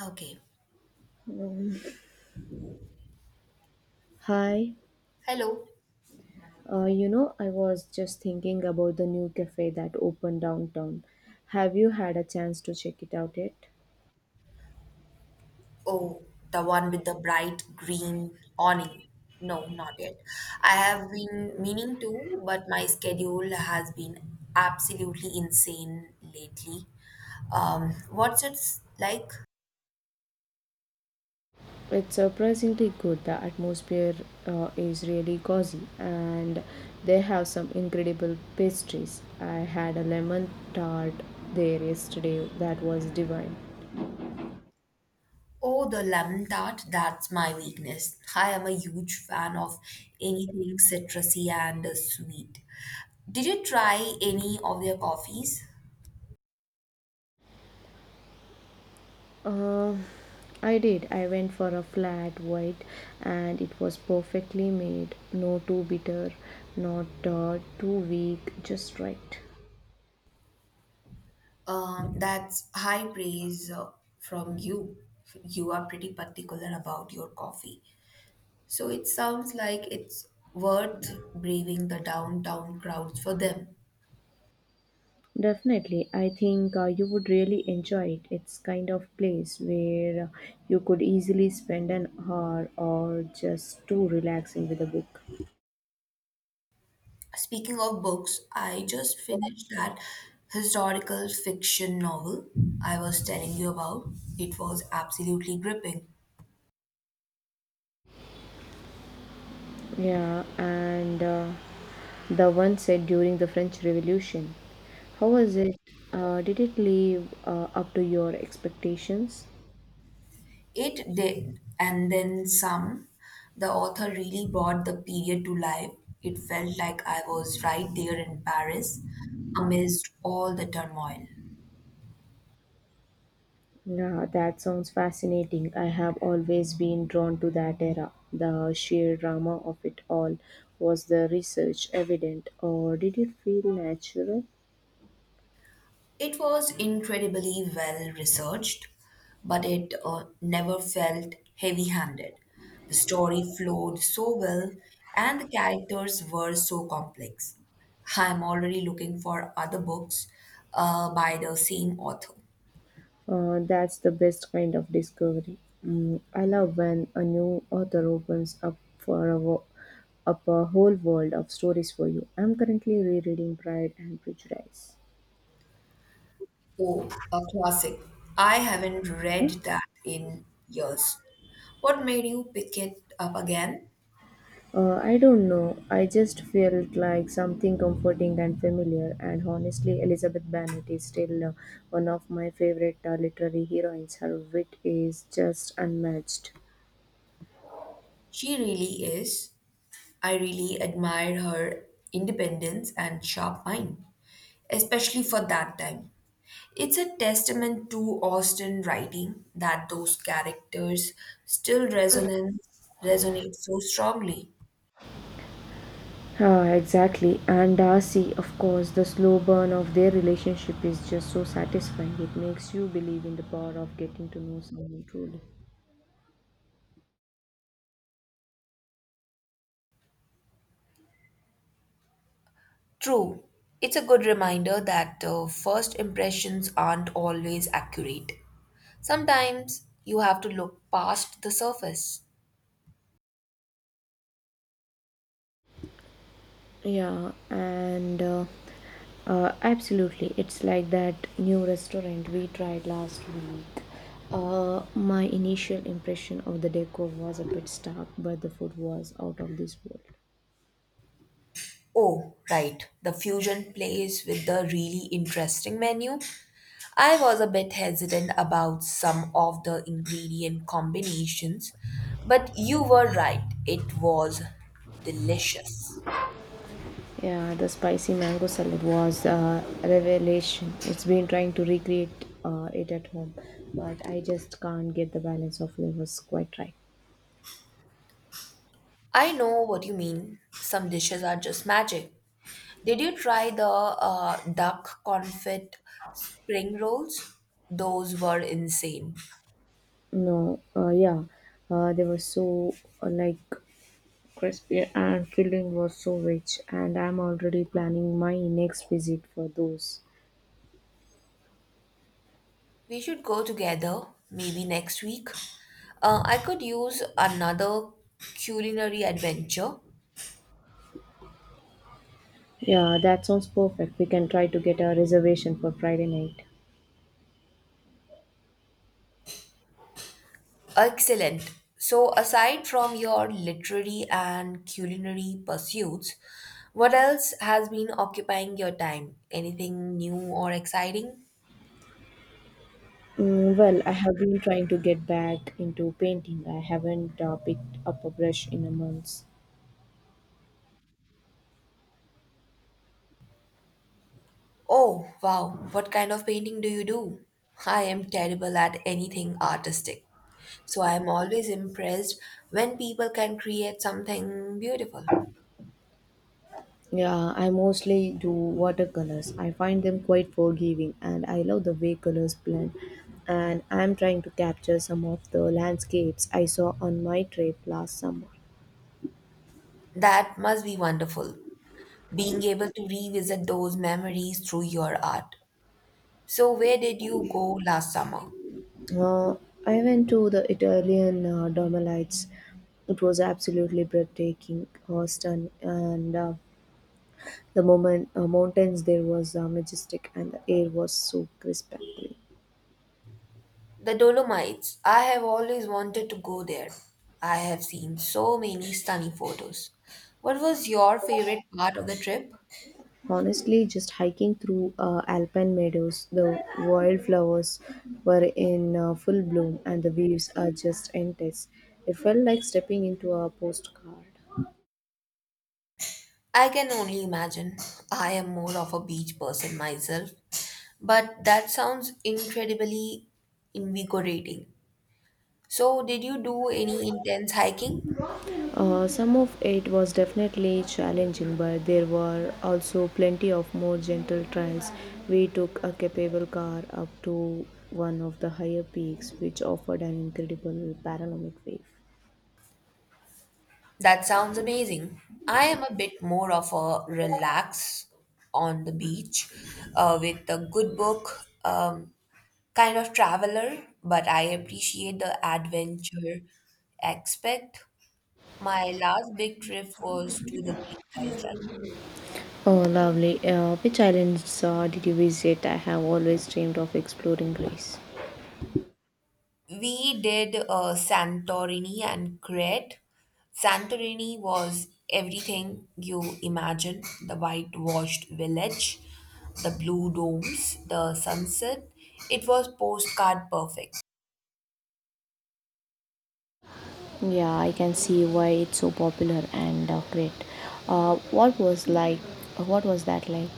Okay. Um, hi, Hello. I was just thinking about the new cafe that opened downtown. Have you had a chance to check it out yet? Oh, the one with the bright green awning. No, not yet. I have been meaning to, but my schedule has been absolutely insane lately. What's it like? It's surprisingly good. The atmosphere is really cozy, and they have some incredible pastries. I had a lemon tart there yesterday that was divine. Oh, the lemon tart, that's my weakness. I am a huge fan of anything citrusy and sweet. Did you try any of their coffees? Uh, I did. I went for a flat white and it was perfectly made. No too bitter, not too weak, just right. That's high praise from you. You are pretty particular about your coffee. So it sounds like it's worth braving the downtown crowds for them. Definitely. I think you would really enjoy it. It's kind of place where you could easily spend an hour or just two relaxing with a book. Speaking of books, I just finished that historical fiction novel I was telling you about. It was absolutely gripping. Yeah, and the one said during the French Revolution. How was it? Did it live up to your expectations? It did, and then some. The author really brought the period to life. It felt like I was right there in Paris, amidst all the turmoil. Yeah, that sounds fascinating. I have always been drawn to that era. The sheer drama of it all. Was the research evident, or did it feel natural? It was incredibly well researched, but it never felt heavy handed. The story flowed so well, and the characters were so complex. I'm already looking for other books by the same author. That's the best kind of discovery. Mm, I love when a new author opens up up a whole world of stories for you. I'm currently rereading Pride and Prejudice. Oh, a classic. I haven't read that in years. What made you pick it up again? I don't know. I just felt like something comforting and familiar. And honestly, Elizabeth Bennet is still one of my favorite literary heroines. Her wit is just unmatched. She really is. I really admire her independence and sharp mind, especially for that time. It's a testament to Austen writing that those characters still resonate so strongly. Ah, exactly. And Darcy, of course, the slow burn of their relationship is just so satisfying. It makes you believe in the power of getting to know someone truly. True, it's a good reminder that first impressions aren't always accurate. Sometimes you have to look past the surface. Yeah, and absolutely, it's like that new restaurant we tried last week. My initial impression of the decor was a bit stark, but the food was out of this world. Oh, right, the fusion place with the really interesting menu. I was a bit hesitant about some of the ingredient combinations, but you were right, it was delicious. Yeah, the spicy mango salad was a revelation. It's been trying to recreate it at home, but I just can't get the balance of flavors quite right. I know what you mean. Some dishes are just magic. Did you try the duck confit spring rolls? Those were insane. No, yeah, they were so like Crispy and filling was so rich, and I'm already planning my next visit for those. We should go together, maybe next week. I could use another culinary adventure. Yeah, that sounds perfect. We can try to get a reservation for Friday night. Excellent. So, aside from your literary and culinary pursuits, what else has been occupying your time? Anything new or exciting? Mm, well, I have been trying to get back into painting. I haven't picked up a brush in a month. Oh, wow. What kind of painting do you do? I am terrible at anything artistic. So I am always impressed when people can create something beautiful. Yeah, I mostly do watercolors. I find them quite forgiving and I love the way colors blend. And I'm trying to capture some of the landscapes I saw on my trip last summer. That must be wonderful, being able to revisit those memories through your art. So, where did you go last summer? Uh, I went to the Italian Dolmelites. It was absolutely breathtaking, stunning, and the moment mountains there was majestic, and the air was so crisp and clean. The Dolomites. I have always wanted to go there. I have seen so many stunning photos. What was your favorite part of the trip? Honestly, just hiking through alpine meadows, the wildflowers were in full bloom, and the views are just endless. It felt like stepping into a postcard. I can only imagine. I am more of a beach person myself, but that sounds incredibly invigorating. So, did you do any intense hiking? Some of it was definitely challenging, but there were also plenty of more gentle trials. We took a capable car up to one of the higher peaks, which offered an incredible panoramic view. That sounds amazing. I am a bit more of a relax on the beach with a good book kind of traveler, but I appreciate the adventure aspect. My last big trip was to the Greek island. Oh, lovely. Which islands did you visit? I have always dreamed of exploring Greece. We did Santorini and Crete. Santorini was everything you imagine the whitewashed village, the blue domes, the sunset. It was postcard perfect. Yeah, I can see why it's so popular and great. Uh, what was like? What was that like?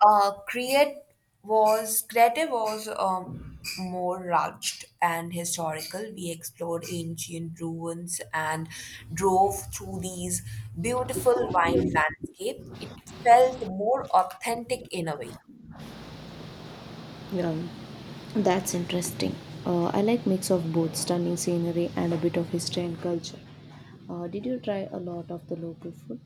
Create was creative was more rugged and historical. We explored ancient ruins and drove through these beautiful wine landscape. It felt more authentic in a way. Yeah, that's interesting. I like mix of both stunning scenery and a bit of history and culture. Did you try a lot of the local food?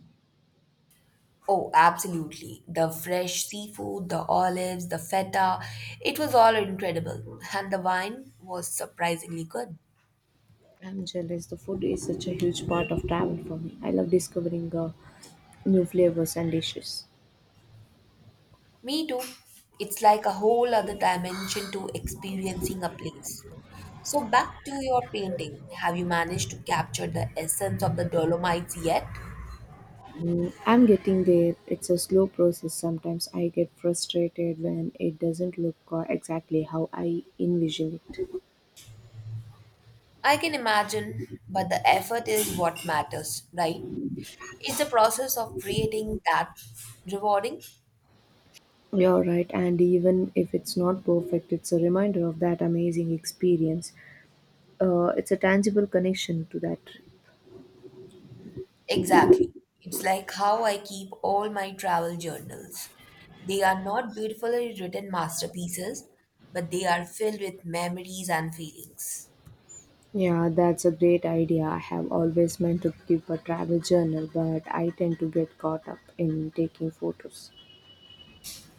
Oh, absolutely. The fresh seafood, the olives, the feta, it was all incredible. And the wine was surprisingly good. I'm jealous. The food is such a huge part of travel for me. I love discovering new flavors and dishes. Me too. It's like a whole other dimension to experiencing a place. So, back to your painting. Have you managed to capture the essence of the Dolomites yet? Mm, I'm getting there. It's a slow process. Sometimes I get frustrated when it doesn't look exactly how I envision it. I can imagine, but the effort is what matters, right? It's the process of creating that rewarding? You're right, and even if it's not perfect, it's a reminder of that amazing experience. It's a tangible connection to that. Exactly. It's like how I keep all my travel journals. They are not beautifully written masterpieces, but they are filled with memories and feelings. Yeah, that's a great idea. I have always meant to keep a travel journal, but I tend to get caught up in taking photos.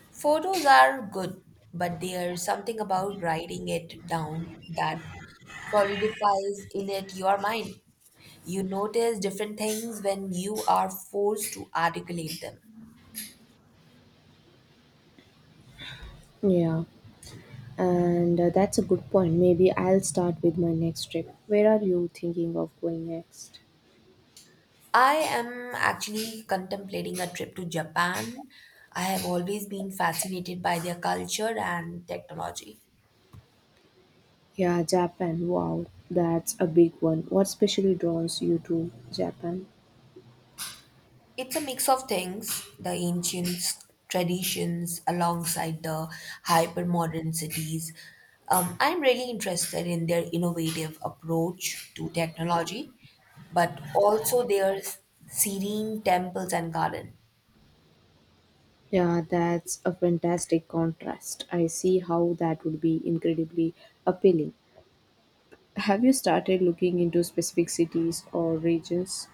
Photos are good, but there's something about writing it down that solidifies in it your mind. You notice different things when you are forced to articulate them. Yeah, and that's a good point. Maybe I'll start with my next trip. Where are you thinking of going next? I am actually contemplating a trip to Japan. I have always been fascinated by their culture and technology. Yeah, Japan. Wow, that's a big one. What specially draws you to Japan? It's a mix of things, the ancient traditions alongside the hyper modern cities. I'm really interested in their innovative approach to technology, but also their serene temples and gardens. Yeah, that's a fantastic contrast. I see how that would be incredibly appealing. Have you started looking into specific cities or regions?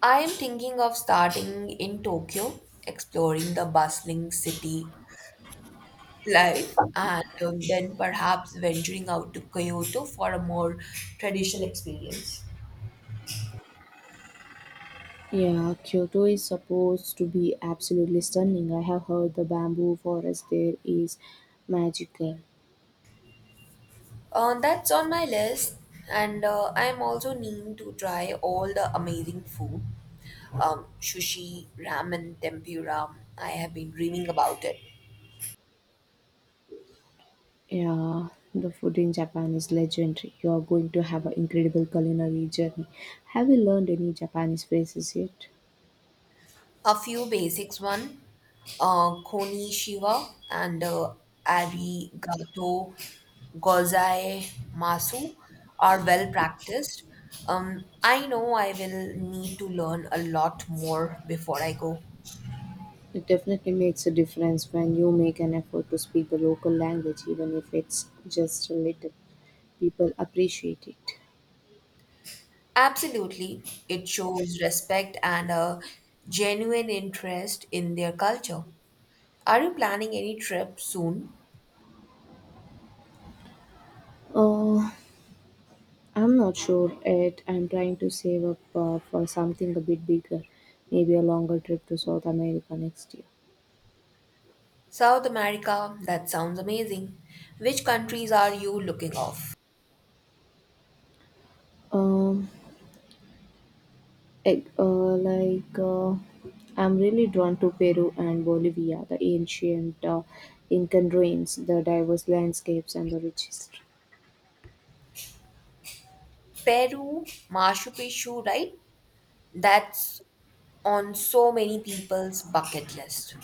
I am thinking of starting in Tokyo, exploring the bustling city life, and then perhaps venturing out to Kyoto for a more traditional experience. Yeah, Kyoto is supposed to be absolutely stunning. I have heard the bamboo forest there is magical. That's on my list, and I'm also needing to try all the amazing food. Sushi, ramen, tempura. I have been dreaming about it. Yeah, the food in Japan is legendary. You are going to have an incredible culinary journey. Have you learned any Japanese phrases yet? A few basics one, koni shiva and arigato gozai masu are well practiced. I know I will need to learn a lot more before I go. It definitely makes a difference when you make an effort to speak the local language, even if it's just a little. People appreciate it. Absolutely. It shows respect and a genuine interest in their culture. Are you planning any trip soon? Oh, I'm not sure yet. I'm trying to save up for something a bit bigger, maybe a longer trip to South America next year. South America, that sounds amazing. Which countries are you looking off? Um, ec- uh, like uh, I'm really drawn to Peru and Bolivia, the ancient Incan ruins, the diverse landscapes, and the rich history. Peru, Machu Picchu, right? That's on so many people's bucket list.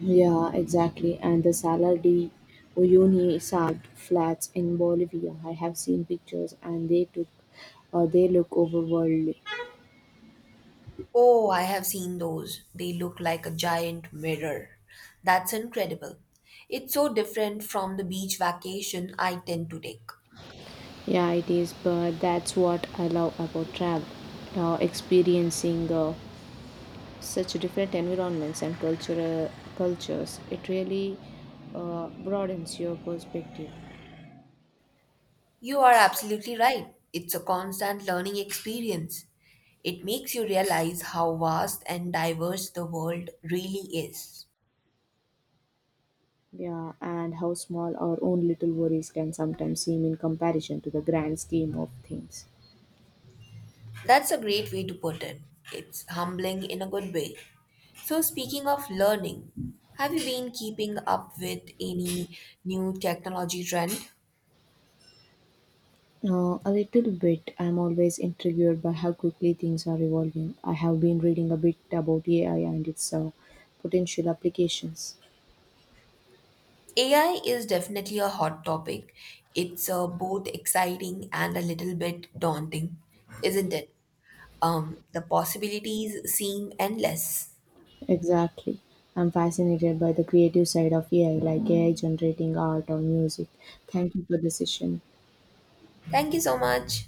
Yeah, exactly. And the Salar de Uyuni salt flats in Bolivia. I have seen pictures, and they look overworldly. Oh, I have seen those. They look like a giant mirror. That's incredible. It's so different from the beach vacation I tend to take. Yeah, it is, but that's what I love about travel. Experiencing such different environments and cultural cultures, it really broadens your perspective. You are absolutely right. It's a constant learning experience. It makes you realize how vast and diverse the world really is. Yeah, and how small our own little worries can sometimes seem in comparison to the grand scheme of things. That's a great way to put it. It's humbling in a good way. So, speaking of learning, have you been keeping up with any new technology trend? A little bit. I'm always intrigued by how quickly things are evolving. I have been reading a bit about AI and its potential applications. AI is definitely a hot topic. It's both exciting and a little bit daunting, isn't it? The possibilities seem endless. Exactly. I'm fascinated by the creative side of AI, like AI generating art or music. Thank you for the session. Thank you so much.